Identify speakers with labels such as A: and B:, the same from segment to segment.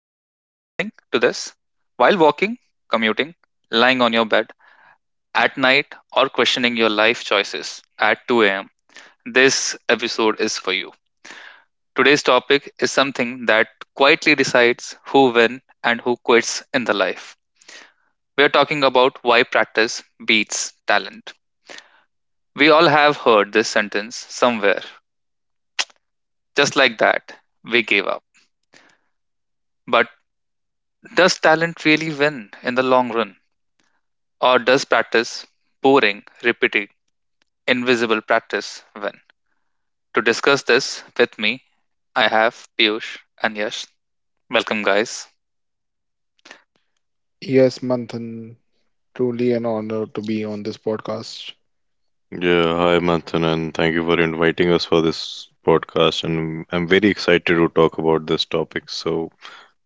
A: If you are listening to this while walking, commuting, lying on your bed at night or questioning your life choices at 2 a.m., this episode is for you. Today's topic is something that quietly decides who wins and who quits in the life. We are talking about why practice beats talent. We all have heard this sentence somewhere. Just like that, we gave up. But does talent really win in the long run? Or does practice, boring, repetitive, invisible practice win? To discuss this with me, I have Piyush and Yash. Welcome, guys.
B: Yes, Manthan, truly an honor to be on this podcast.
C: Yeah, hi Manthan, and thank you for inviting us for this podcast. And I'm very excited to talk about this topic. So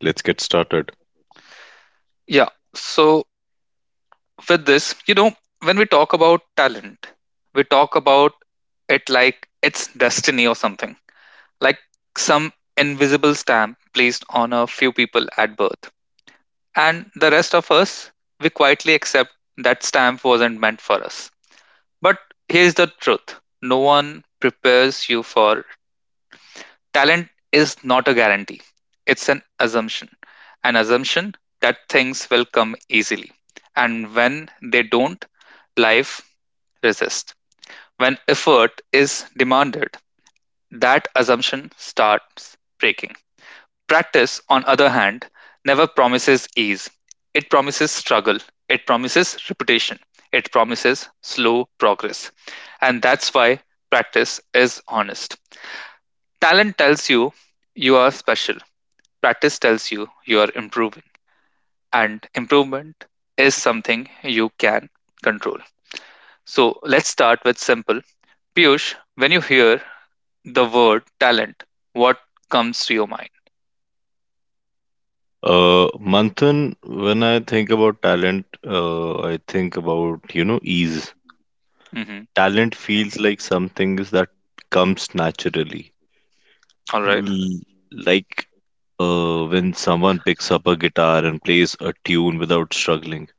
C: let's get started.
A: Yeah, so with this, when we talk about talent, we talk about it like it's destiny or something, like some invisible stamp placed on a few people at birth. And the rest of us, we quietly accept that stamp wasn't meant for us. But here's the truth no one prepares you for talent is not a guarantee, it's an assumption. An assumption that things will come easily. And when they don't, life resists. When effort is demanded, that assumption starts breaking. Practice, on other hand, never promises ease; it promises struggle, it promises repetition, it promises slow progress. And that's why practice is honest. Talent tells you you are special, practice tells you you are improving, and improvement is something you can control. So let's start with simple. Piyush, when you hear the word talent, what comes to your mind?
C: Manthan, when I think about talent, I think about, you know, ease.
A: Mhm.
C: Talent feels like something that comes naturally.
A: All right.
C: L- Like when someone picks up a guitar and plays a tune without struggling,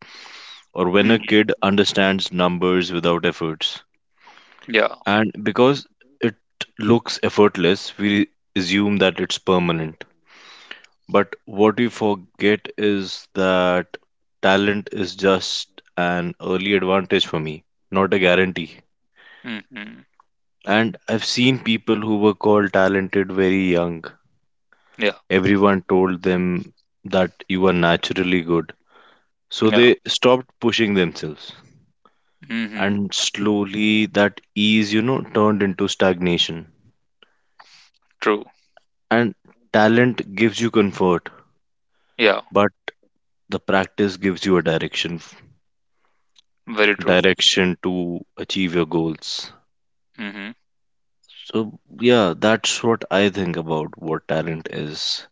C: or when a
A: Mhm.
C: kid understands numbers without efforts.
A: Yeah.
C: And because it looks effortless, we assume that it's permanent. But what we forget is that talent is just an early advantage for me, not a guarantee.
A: Hmm.
C: And I've seen people who were called talented very young.
A: Yeah,
C: Everyone told them that you are naturally good. So
A: yeah.
C: they stopped pushing themselves.
A: Hmm.
C: And slowly that ease, you know, turned into stagnation.
A: True.
C: And talent gives you comfort
A: Yeah,
C: but the practice gives you a direction
A: very true.
C: direction to achieve your goals.
A: Hmm.
C: So yeah, that's what I think about what talent is.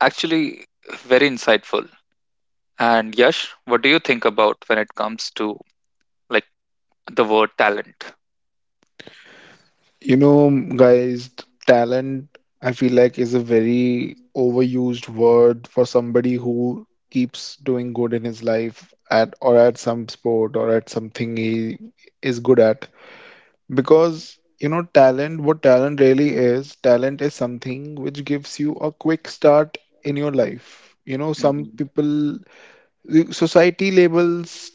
A: Actually, very insightful. And Yash, what do you think about when it comes to like the word talent?
B: You know, guys, talent, I feel like, is a very overused word for somebody who keeps doing good in his life at some sport or at something he is good at. Because, you know, talent, what talent really is, talent is something which gives you a quick start in your life. You know, some
A: Hmm.
B: people the society labels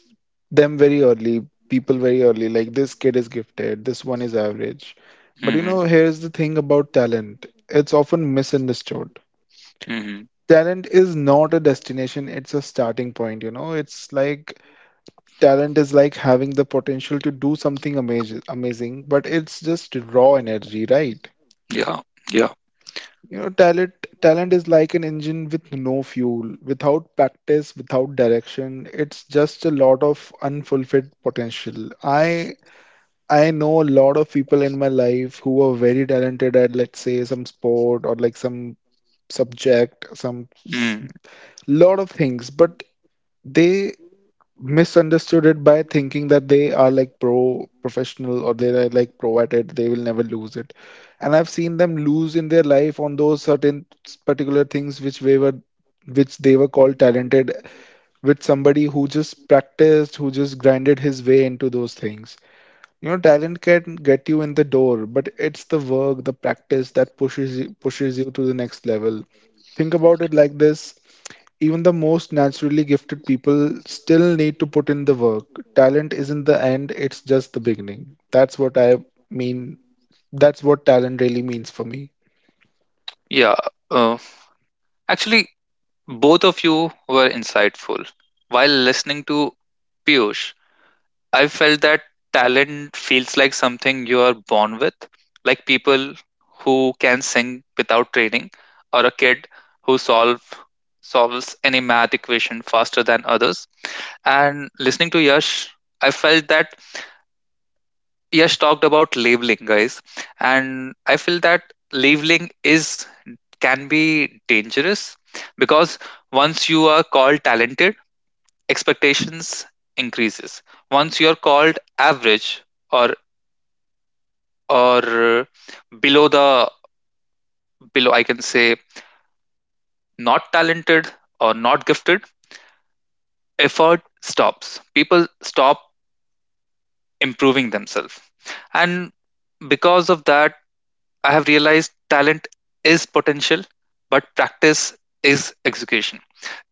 B: them very early, like this kid is gifted, this one is average. But you
A: Hmm.
B: know, here's the thing about talent. It's often misunderstood.
A: Hmm.
B: Talent is not a destination, it's a starting point, you know. It's like talent is like having the potential to do something amazing, but it's just raw energy, right?
A: Yeah, yeah.
B: You know, talent is like an engine with no fuel. Without practice, without direction, it's just a lot of unfulfilled potential. I know a lot of people in my life who are very talented at, let's say, some sport or like some subject,
A: Mm.
B: lot of things, but they misunderstood it by thinking that they are like professional or they are like pro at it, they will never lose it. And I've seen them lose in their life on those certain particular things which they were called talented with somebody who just practiced, who just grinded his way into those things. You know, talent can get you in the door, but it's the work, the practice that pushes you to the next level. Think about it like this: even the most naturally gifted people still need to put in the work. Talent isn't the end, it's just the beginning. That's what I mean. That's what talent really means for me.
A: Yeah. Uh, Actually, both of you were insightful. While listening to Piyush, I felt that talent feels like something you are born with, like people who can sing without training, or a kid who solves any math equation faster than others. And listening to Yash, I felt that Yash talked about labeling, guys, and I feel that labeling is can be dangerous because once you are called talented, expectations increases. Once you are called average, or or below, the below I can say not talented or not gifted, effort stops. People stop improving themselves, and because of that I have realized talent is potential but practice is execution.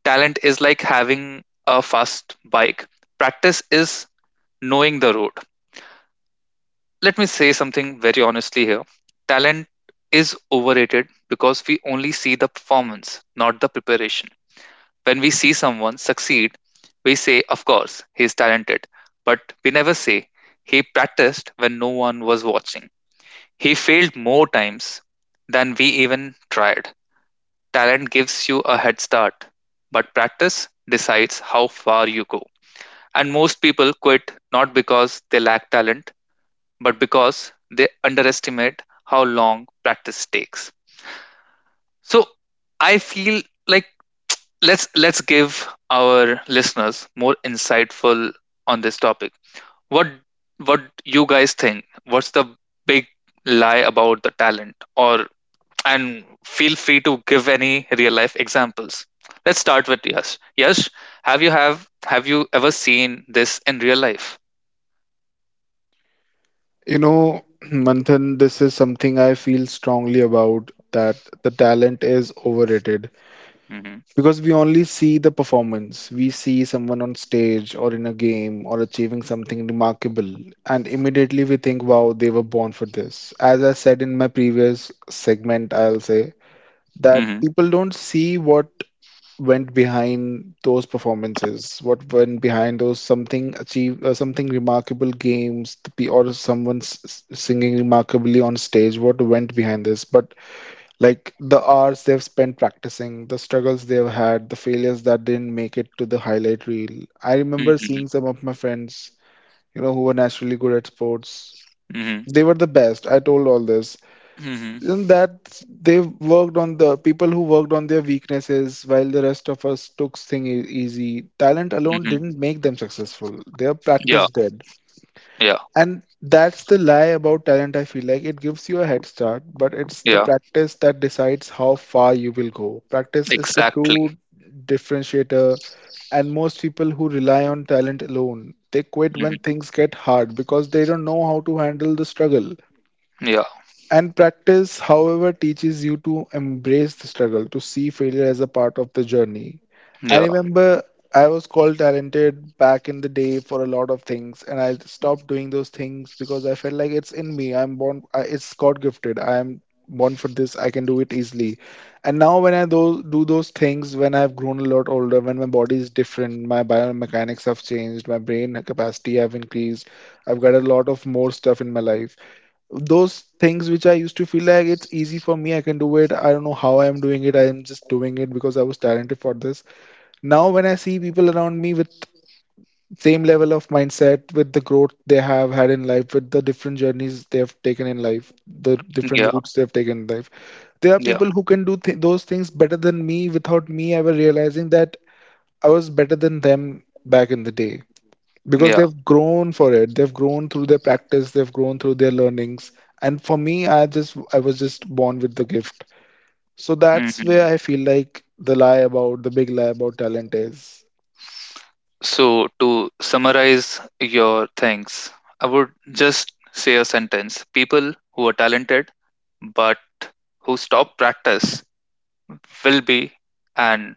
A: Talent is like having a fast bike, practice is knowing the road. Let me say something very honestly here. Talent is overrated because we only see the performance, not the preparation. When we see someone succeed, we say, of course, he is talented. But we never say, he practiced when no one was watching. He failed more times than we even tried. Talent gives you a head start, but practice decides how far you go. And most people quit not because they lack talent, but because they underestimate how long practice takes. So I feel like let's give our listeners more insightful on this topic. What what you guys think? What's the big lie about the talent? Or and feel free to give any real life examples. Let's start with Yash. Yash, have you ever seen this in real life?
B: You know, Manthan, this is something I feel strongly about that the talent is overrated
A: Mm-hmm.
B: because we only see the performance. We see someone on stage or in a game or achieving something remarkable, and immediately we think, wow, they were born for this. As I said in my previous segment, I'll say that
A: Mm-hmm.
B: people don't see what went behind those performances, what went behind those something remarkable games, or someone singing remarkably on stage, what went behind this. But like the hours they've spent practicing, the struggles they've had, the failures that didn't make it to the highlight reel. I remember seeing
A: Mm-hmm.
B: some of my friends, you know, who were naturally good at sports.
A: Mm-hmm.
B: They were the best. I told all this
A: Mm-hmm.
B: and that the people who worked on their weaknesses while the rest of us took things easy. Talent alone
A: Mm-hmm.
B: didn't make them successful. Their practice did.
A: Yeah,
B: And that's the lie about talent, I feel like. It gives you a head start, but it's the
A: yeah,
B: practice that decides how far you will go. Practice is the
A: exactly.
B: true differentiator, and most people who rely on talent alone, they quit when
A: Hmm.
B: things get hard because they don't know how to handle the struggle.
A: Yeah,
B: And practice, however, teaches you to embrace the struggle, to see failure as a part of the journey. I
A: yeah,
B: remember I was called talented back in the day for a lot of things, and I stopped doing those things because I felt like it's in me. I'm born, it's God gifted. I am born for this. I can do it easily. And now, when I do those things, when I've grown a lot older, when my body is different, my biomechanics have changed, my brain capacity have increased, I've got a lot of more stuff in my life. Those things which I used to feel like it's easy for me, I can do it. I don't know how I'm doing it. I am just doing it because I was talented for this. Now, when I see people around me with same level of mindset, with the growth they have had in life, with the different journeys they have taken in life, the different
A: yeah,
B: routes they have taken in life, there are
A: yeah,
B: people who can do those things better than me without me ever realizing that I was better than them back in the day, because
A: yeah.
B: they've grown for it, they've grown through their practice, they've grown through their learnings. And for me, I was just born with the gift. So that's where
A: Hmm.
B: I feel like the big lie about talent is.
A: So, to summarize your things, I would just say a sentence people who are talented but who stop practice will be and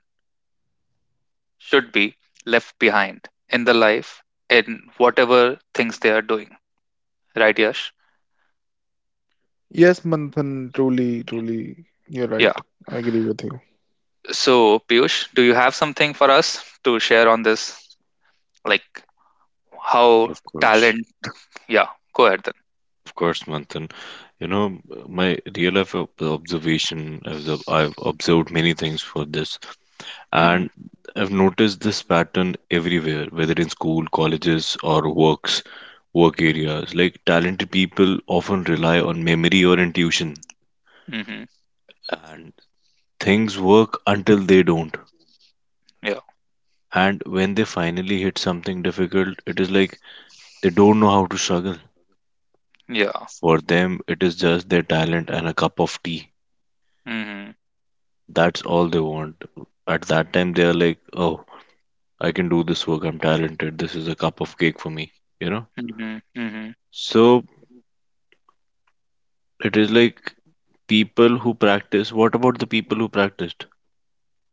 A: should be left behind in the life in whatever things they are doing. Right, Yash?
B: Yes, Manthan, truly you're
A: Yeah.
B: right. I agree with you.
A: So, Piyush, do you have something for us to share on this? Like, how
C: Of course,
A: talent. Yeah, go ahead then.
C: of course Manthan, you know, my real life observation is I've observed many things for this.
A: Hmm.
C: And I've noticed this pattern everywhere, whether in school, colleges, or works work areas. Like talented people often rely on memory or intuition,
A: Hmm.
C: and things work until they don't.
A: Yeah,
C: And when they finally hit something difficult, it is like they don't know how to struggle.
A: yeah.
C: For them it is just their talent and a cup of tea,
A: Hmm.
C: that's all they want. At that time they are like, oh, I can do this work, I'm talented, this is a cup of cake for me, you know.
A: Hmm. Hmm.
C: So it is like people who practice what about the people who practiced?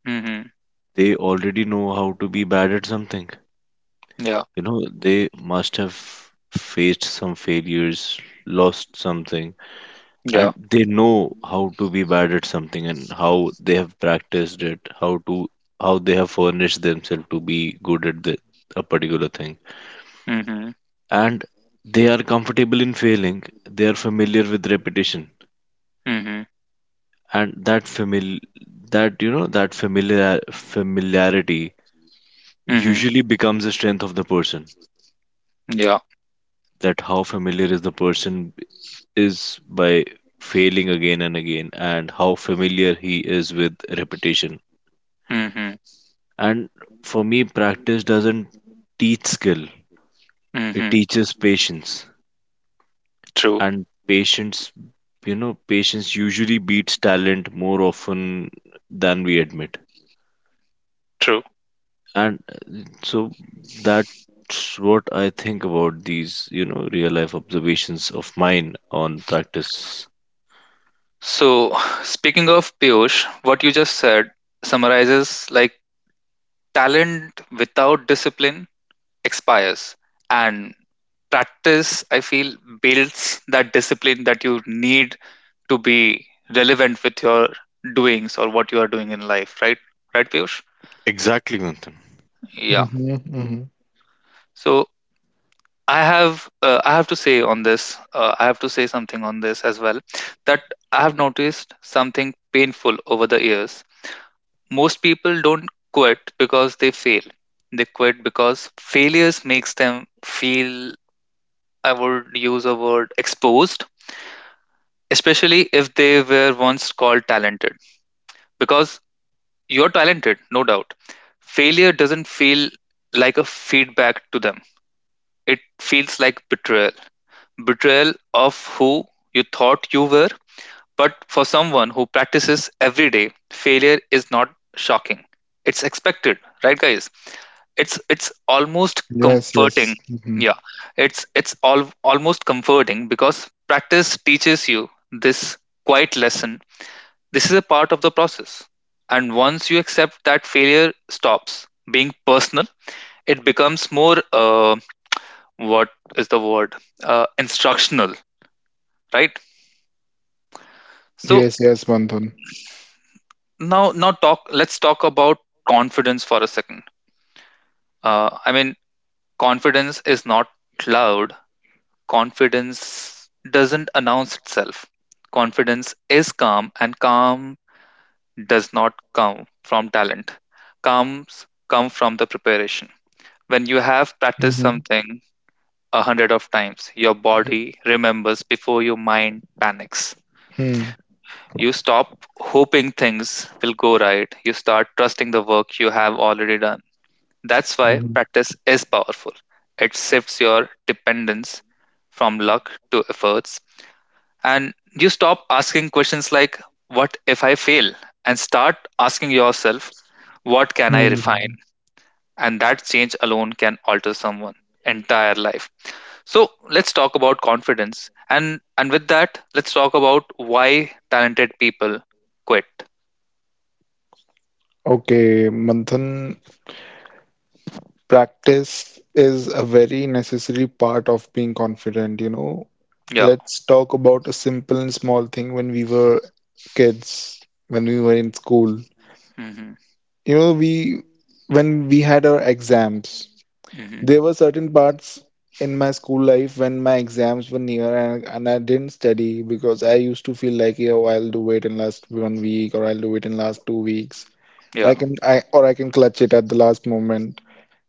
A: Hmm.
C: They already know how to be bad at something.
A: Yeah,
C: You know, they must have faced some failures, lost something.
A: yeah.
C: And they know how to be bad at something and how they have practiced it, how to how they have furnished themselves to be good at a particular thing.
A: Hmm.
C: And they are comfortable in failing, they are familiar with repetition.
A: Hmm.
C: And that famil that you know that familiar familiarity
A: Hmm.
C: usually becomes a strength of the person.
A: Yeah.
C: That how familiar is the person is by failing again and again, and how familiar he is with repetition.
A: Hmm.
C: And for me, practice doesn't teach skill, it
A: Hmm.
C: teaches patience.
A: True,
C: And patience, you know, patience usually beats talent more often than we admit.
A: true.
C: And so that's what I think about these, you know, real life observations of mine on practice.
A: So, speaking of Piyush, what you just said summarizes like talent without discipline expires, and practice, I feel, builds that discipline that you need to be relevant with your doings or what you are doing in life, right Piyush?
C: Exactly, Manthan.
A: Yeah,
B: Mm-hmm, mm-hmm.
A: so I have to say on this, I have to say something on this as well, that I have noticed something painful over the years. Most people don't quit because they fail. They quit because failures makes them feel, I would use a word, exposed, especially if they were once called talented, because you're talented, no doubt. Failure doesn't feel like a feedback to them, it feels like betrayal. Betrayal of who you thought you were. But for someone who practices every day, failure is not shocking. It's expected, right, guys? It's almost
B: Yes, yes.
A: comforting.
B: Mm-hmm.
A: Yeah, it's all almost comforting because practice teaches you this quiet lesson: this is a part of the process. And once you accept that failure stops being personal, it becomes more, what is the word, instructional, right? So
B: Yes, yes, Manthan.
A: now, now talk. Let's talk about confidence for a second. I mean, confidence is not loud. Confidence doesn't announce itself. Confidence is calm, and calm does not come from talent. Comes come from the preparation. When you have practiced
B: Mm-hmm,
A: something 100 of times, your body remembers before your mind panics.
B: mm-hmm,
A: You stop hoping things will go right. You start trusting the work you have already done. That's why practice is powerful. It shifts your dependence from luck to efforts. And you stop asking questions like, what if I fail? And start asking yourself, what can I
B: mm-hmm.
A: refine? And that change alone can alter someone entire life. So let's talk about confidence. And with that, let's talk about why talented people quit.
B: Okay, Manthan. Practice is a very necessary part of being confident, you know.
A: Yeah.
B: Let's talk about a simple and small thing when we were kids, when we were in school.
A: Mm-hmm.
B: You know, we when we had our exams,
A: Mm-hmm.
B: there were certain parts in my school life when my exams were near and I didn't study because I used to feel like, oh, I'll do it in last one week or I'll do it in last 2 weeks. Or I
A: Yeah.
B: can I or I can clutch it at the last moment.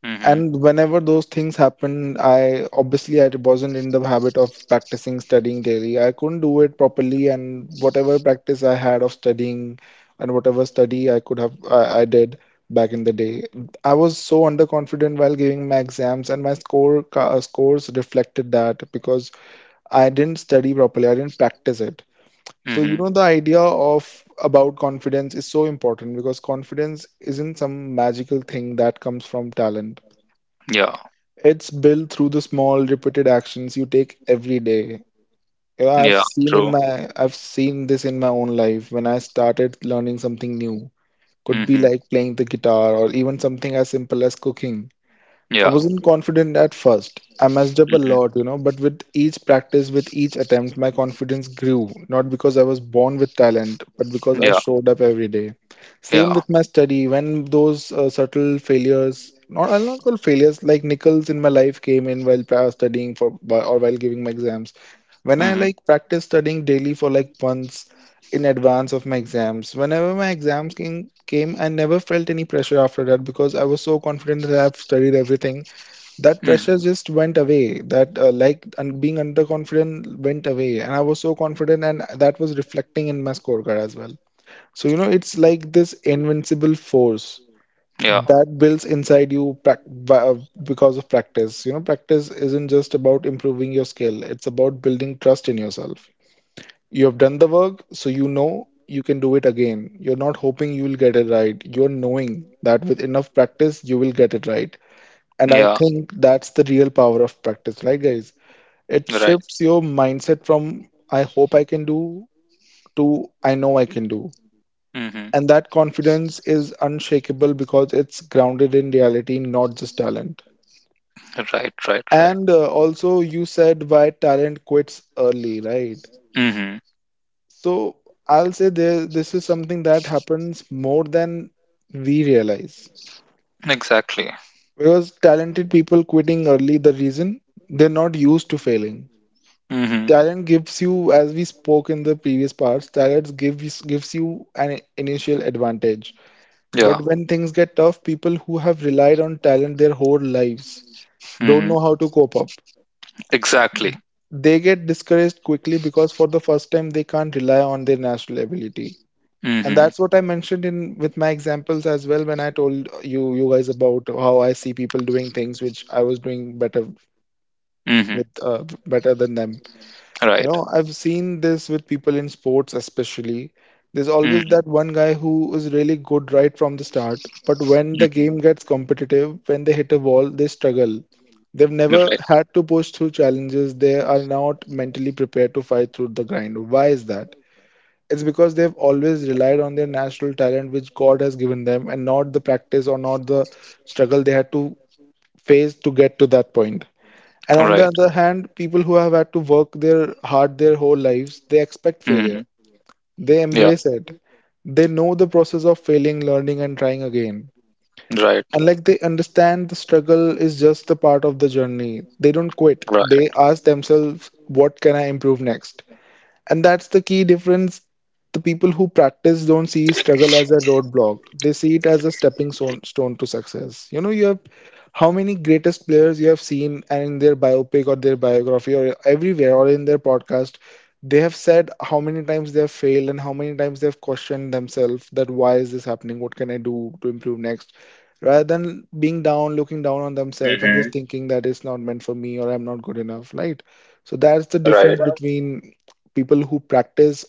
A: Mm-hmm.
B: And whenever those things happened, I obviously I wasn't in the habit of practicing studying daily. I couldn't do it properly, and whatever practice I had of studying and whatever study I could have I did back in the day, I was so underconfident while giving my exams, and my scores reflected that because I didn't study properly. I didn't practice it. So you
A: Mm-hmm.
B: know the idea of about confidence is so important because confidence isn't some magical thing that comes from talent.
A: Yeah.
B: It's built through the small repeated actions you take every day. You know,
A: Yeah. True.
B: I've seen this in my own life when I started learning something new. Could be
A: Mm-hmm.
B: like playing the guitar or even something as simple as cooking. I
A: Yeah.
B: wasn't confident at first. I messed up a
A: Mm-hmm.
B: lot, you know, but with each practice, with each attempt, my confidence grew, not because I was born with talent, but because I
A: Yeah.
B: showed up every day. Same
A: Yeah.
B: with my study. When those subtle failures, not I'll not call failures, like nickels in my life came in while studying for or while giving my exams. When I
A: Mm-hmm.
B: like practiced studying daily for like months in advance of my exams, whenever my exams came, I never felt any pressure after that because I was so confident that I've studied everything. That pressure
A: Mm.
B: just went away. That like and being underconfident went away, and I was so confident, and that was reflecting in my scorecard as well. So you know, it's like this invincible force
A: Yeah.
B: that builds inside you because of practice. You know, practice isn't just about improving your skill, it's about building trust in yourself. You have done the work, so you know you can do it again. You're not hoping you will get it right, you're knowing that with enough practice you will get it right. And I
A: Yeah.
B: think that's the real power of practice, right, guys? It
A: Right.
B: shifts your mindset from "I hope I can do" to "I know I can do."
A: Mm-hmm.
B: And that confidence is unshakable because it's grounded in reality, not just talent.
A: Right. Right. Right.
B: And also, you said why talent quits early, right?
A: Mm-hmm.
B: So I'll say there, this is something that happens more than we realize.
A: Exactly.
B: Because talented people quitting early, the reason they're not used to failing.
A: Mm-hmm.
B: Talent gives you, as we spoke in the previous parts, talent gives you an initial advantage. But
A: Yeah.
B: when things get tough, people who have relied on talent their whole lives don't
A: Mm-hmm.
B: know how to cope up.
A: Exactly.
B: They get discouraged quickly because for the first time they can't rely on their natural ability. And
A: Mm-hmm.
B: that's what I mentioned in with my examples as well, when I told you guys about how I see people doing things which I was doing better
A: Mm-hmm.
B: with better than them. You
A: Right.
B: know, I've seen this with people in sports, especially. There's always
A: Mm-hmm.
B: that one guy who is really good right from the start, but when the game gets competitive, when they hit a wall, they struggle. They've
A: Mm-hmm.
B: never
A: Right.
B: had to push through challenges. They are not mentally prepared to fight through the grind. Why is that? It's because they've always relied on their natural talent, which God has given them, and not the practice or not the struggle they had to face to get to that point. And on the
A: Right.
B: other hand, people who have had to work their hard their whole lives, they expect failure. They
A: Yeah.
B: embrace it. They know the process of failing, learning, and trying again.
A: Right.
B: And like they understand the struggle is just a part of the journey. They don't quit. They ask themselves, what can I improve next? And that's the key difference. The people who practice don't see struggle as a roadblock. They see it as a stepping stone to success. You know, you have how many greatest players you have seen and in their biopic or their biography or everywhere or in their podcast, they have said how many times they have failed and how many times they have questioned themselves that why is this happening? What can I do to improve next? Rather than being down, looking down on themselves and
A: Mm-hmm.
B: just thinking that it's not meant for me or I'm not good enough, right? So that's the
A: Right.
B: difference between people who practice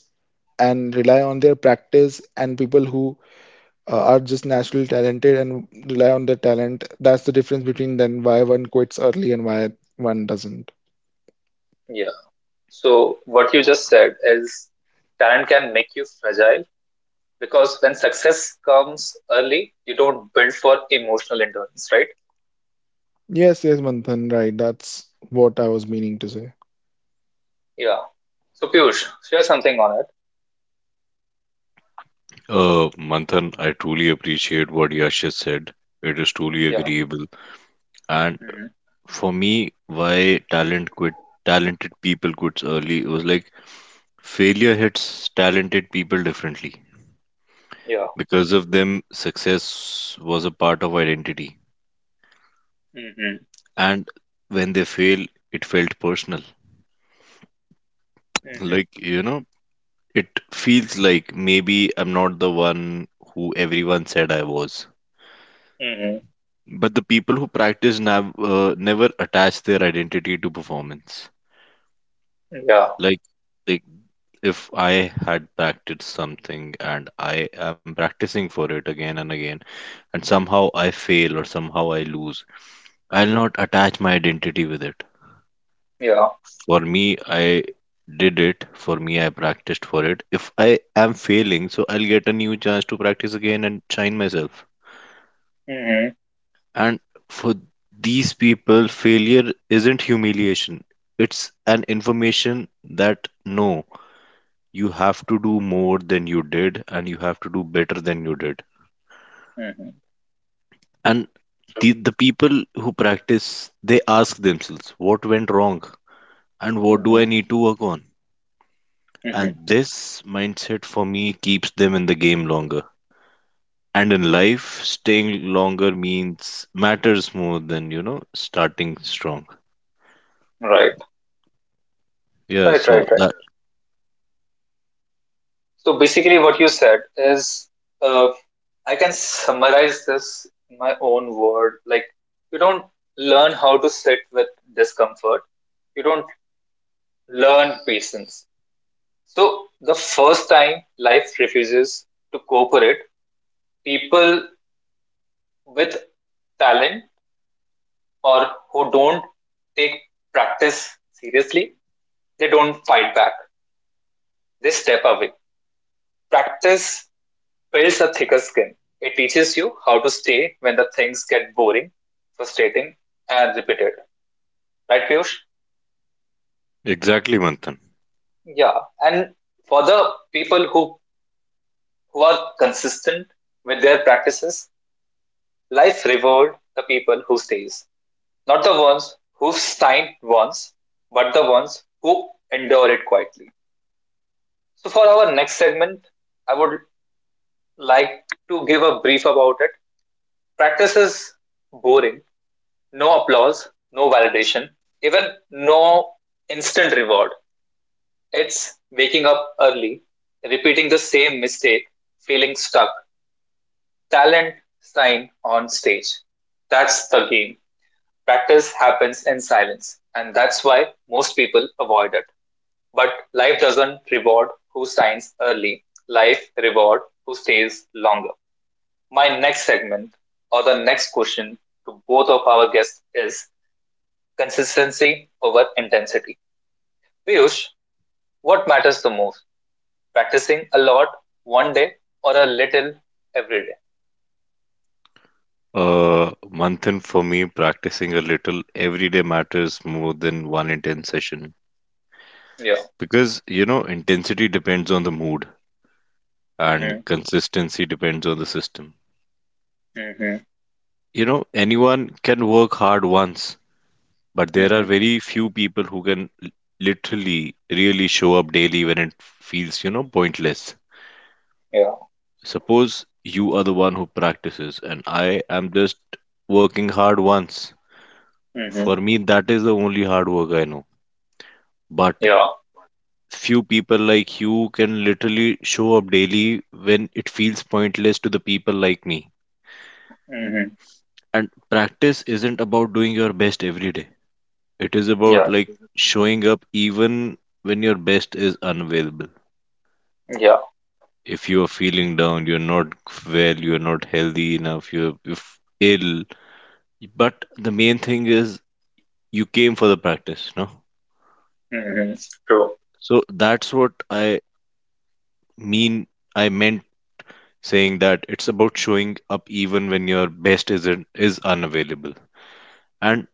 B: and rely on their practice and people who are just naturally talented and rely on their talent. That's the difference between then why one quits early and why one doesn't.
A: Yeah. So, what you just said is talent can make you fragile because when success comes early, you don't build for emotional endurance, right?
B: Yes, Manthan, right, that's what I was meaning to say.
A: Yeah. So, Piyush, share something on it.
C: Manthan, I truly appreciate what Yash has said. It is truly
A: Yeah.
C: agreeable. And
A: Mm-hmm.
C: for me, why talent quit talented people quits early was like failure hits talented people differently.
A: Yeah.
C: Because of them success was a part of identity,
A: Mm-hmm.
C: and when they fail it felt personal.
A: Mm-hmm.
C: Like, you know, it feels like maybe I'm not the one who everyone said I was.
A: Mm-hmm.
C: But the people who practice never attach their identity to performance.
A: Yeah.
C: Like, they if I had practiced something and I am practicing for it again and again, and somehow I fail or somehow I lose, I'll not attach my identity with it.
A: Yeah.
C: For me, I did it. For me, I practiced for it. If I am failing, so I'll get a new chance to practice again and shine myself.
A: Mm-hmm.
C: And for these people, failure isn't humiliation, it's an information. That no, you have to do more than you did and you have to do better than you did.
A: Mm-hmm.
C: And the,
A: True.
C: the people who practice, they ask themselves what went wrong and what do I
A: Mm-hmm.
C: need to work on.
A: Mm-hmm.
C: And this mindset for me keeps them in the game longer, and in life staying longer means matters more than, you know, starting strong.
A: Right.
C: Yeah,
A: Right.
C: so
A: Right. Right.
C: that.
A: So basically, what you said is, uh, I can summarize this in my own word. Like, you don't learn how to sit with discomfort, you don't learn patience. So, the first time life refuses to cooperate, people with talent or who don't take practice seriously, they don't fight back, they step away. Practice builds a thicker skin. It teaches you how to stay when the things get boring, frustrating, and repeated. Right, Piyush?
C: Exactly, Manthan.
A: Yeah. And for the people who are consistent with their practices, life rewards the people who stays. Not the ones who signed once, but the ones who endure it quietly. So for our next segment, I would like to give a brief about it. Practice is boring. No applause, no validation, even no instant reward. It's waking up early, repeating the same mistake, feeling stuck. Talent signed on stage. That's the game. Practice happens in silence, and that's why most people avoid it. But life doesn't reward who signs early, life reward who stays longer. My next segment or the next question to both of our guests is consistency over intensity. Piyush, what matters the most? Practicing a lot one day or a little every
C: uh Manthan, for me practicing a little every day matters more than one intense session.
A: day? Yeah.
C: Because, you know, intensity depends on the mood
A: Mm-hmm.
C: and consistency depends on the system.
A: Mm-hmm.
C: You know, anyone can work hard once, but there are
A: Mm-hmm.
C: very few people who can literally really show up daily when it feels, you know, pointless.
A: Yeah.
C: Suppose you are the one who practices and I am just working hard once.
A: Mm-hmm.
C: For me, that is the only hard work I know. But
A: Yeah.
C: few people like you can literally show up daily when it feels pointless to the people like me.
A: Mm-hmm.
C: And practice isn't about doing your best every day, it is about
A: Yeah.
C: like showing up even when your best is unavailable.
A: Yeah.
C: If you are feeling down, you're not well, you're not healthy enough, you're ill, but the main thing is you came for the practice, no?
A: Mm-hmm. True.
C: So that's what mean I meant saying that it's about showing up even when your best isn't is unavailable. And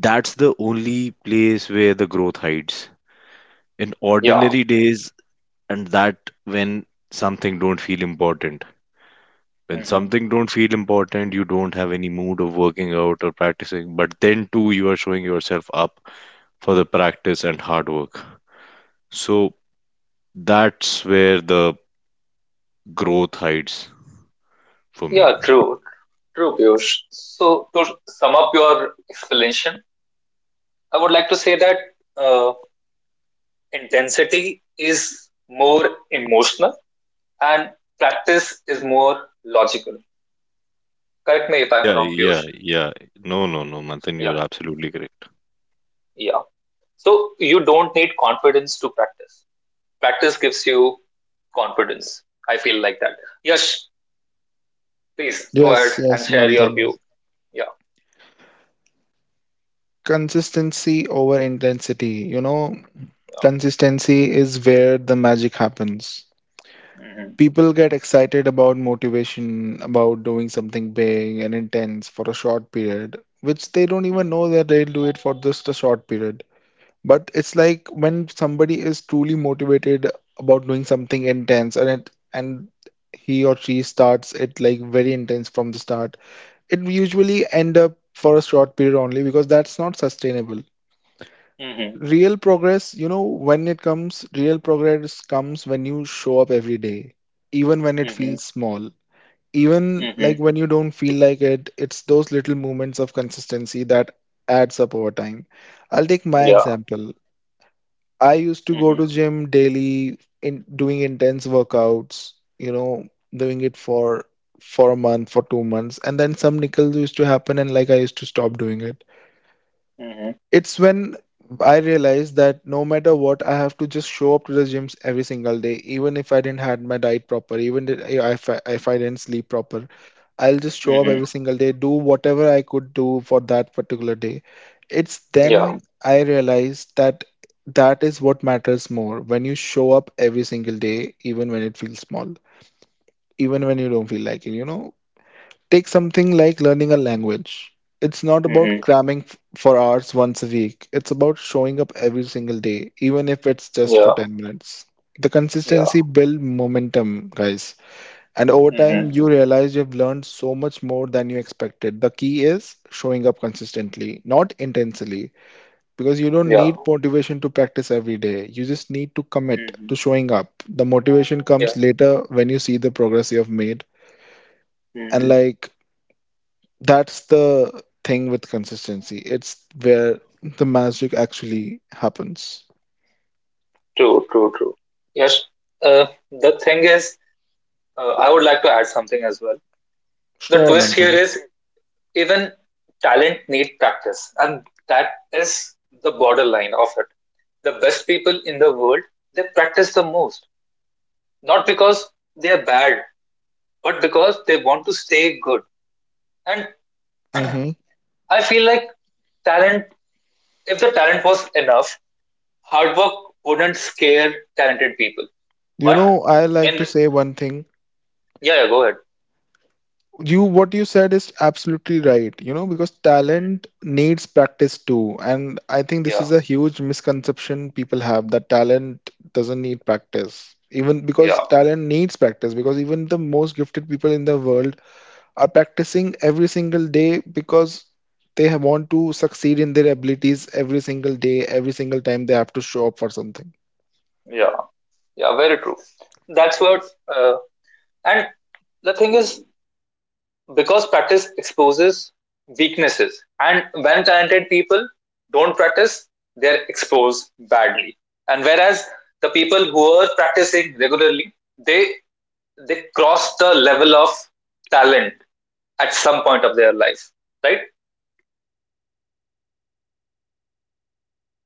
C: that's the only place where the growth hides, in
A: Yeah.
C: ordinary days. And that when something don't feel important when
A: Mm-hmm.
C: something don't feel important, you don't have any mood of working out or practicing, but then too you are showing yourself up for the practice and hard work. So that's where the growth hides for me.
A: Yeah. True. True, Piyush. So to sum up your explanation, I would like to say that, uh, intensity is more emotional and practice is more logical. Correct me if I'm
C: yeah
A: wrong,
C: yeah
A: Piyush.
C: yeah, no, Manthan,
A: Yeah.
C: you're absolutely correct.
A: Yeah. So you don't need confidence to practice. Practice gives you confidence. I feel like that. Yash, please go
B: yes
A: ahead
B: yes
A: and share your
B: Manthan,
A: view. Yeah.
B: consistency over intensity, you know,
A: Yeah.
B: consistency is where the magic happens.
A: Mm-hmm.
B: People get excited about motivation, about doing something big and intense for a short period, which they don't even
A: Mm-hmm.
B: know that they'll do it for just a short period. But it's like when somebody is truly motivated about doing something intense and he or she starts it like very intense from the start, it usually end up for a short period only because that's not sustainable.
A: Mm-hmm.
B: Real progress, you know, when it comes, real progress comes when you show up every day even when it
A: Mm-hmm.
B: feels small, even
A: Mm-hmm.
B: like when you don't feel like it, it's those little moments of consistency that adds up over time. I'll take my
A: Yeah.
B: example. I used to go
A: Mm-hmm.
B: to gym daily in doing intense workouts, you know, doing it for a month, for 2 months, and then some nickels used to happen and like I used to stop doing it.
A: Mm-hmm.
B: It's when I realized that no matter what, I have to just show up to the gyms every single day, even if I didn't had my diet proper, even if I didn't sleep proper. I'll just show up
A: Mm-hmm.
B: every single day, do whatever I could do for that particular day. It's
A: Yeah.
B: then I realized that that is what matters more when you show up every single day, even when it feels small, even when you don't feel like it, you know. Take something like learning a language. It's not about
A: Mm-hmm.
B: cramming for hours once a week. It's about showing up every single day, even if it's just for
A: Yeah.
B: 10 minutes. The
A: Yeah.
B: consistency build momentum, guys. And over
A: Mm-hmm.
B: time, you realize you've learned so much more than you expected. The key is showing up consistently, not intensely, because you don't
A: Yeah.
B: need motivation to practice every day. You just need to commit
A: Mm-hmm.
B: to showing up. The motivation
A: Yeah.
B: comes later when you see the progress you have made. And
A: Mm-hmm.
B: like, that's the thing with consistency. It's where the magic actually happens.
A: True. True. True. Yes. The thing is, I would like to add something as well. The
B: Sure,
A: twist here
B: Manthan.
A: is, even talent need practice, and that is the borderline of it. The best people in the world, they practice the most, not because they are bad, but because they want to stay good. And
B: Hmm.
A: I feel like talent, if the talent was enough, hard work wouldn't scare talented people.
B: You
A: But
B: know, I like to
A: and
B: say one thing.
A: yeah, yeah, go ahead.
B: You what you said is absolutely right, you know, because
A: Mm.
B: talent needs practice too, and I think this
A: Yeah,
B: is a huge misconception people have, that talent doesn't need practice, even because
A: yeah,
B: talent needs practice, because even the most gifted people in the world are practicing every single day because want to succeed in their abilities every single day, every single time they have to show up for something.
A: yeah, yeah, very true. That's what, uh, and the thing is, because practice exposes weaknesses, and when talented people don't practice, they're exposed badly. And whereas the people who are practicing regularly, they they cross the level of talent at some point of their life, right?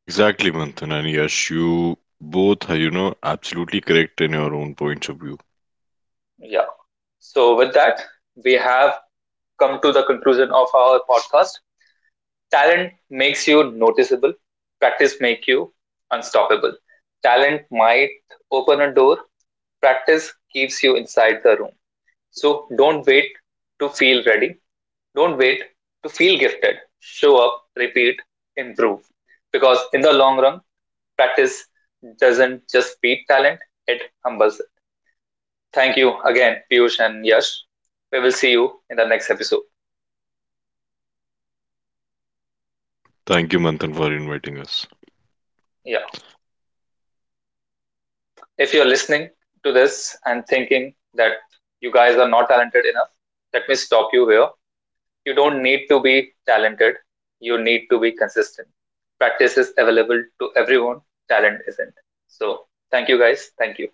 C: Exactly Manthan, and Yash, you both are, you know, absolutely correct in your own points of view.
A: Yeah, so with that, we have come to the conclusion of our podcast. Talent makes you noticeable, practice makes you unstoppable. Talent might open a door. Practice keeps you inside the room. So don't wait to feel ready. Don't wait to feel gifted. Show up, repeat, improve. Because in the long run, practice doesn't just beat talent, it humbles it. Thank you again, Piyush and Yash. We will see you in the next episode.
C: Thank you Manthan for inviting us.
A: Yeah. If you're listening to this and thinking that you guys are not talented enough, let me stop you here. You don't need to be talented, you need to be consistent. Practice is available to everyone, talent isn't. So, thank you guys. Thank you.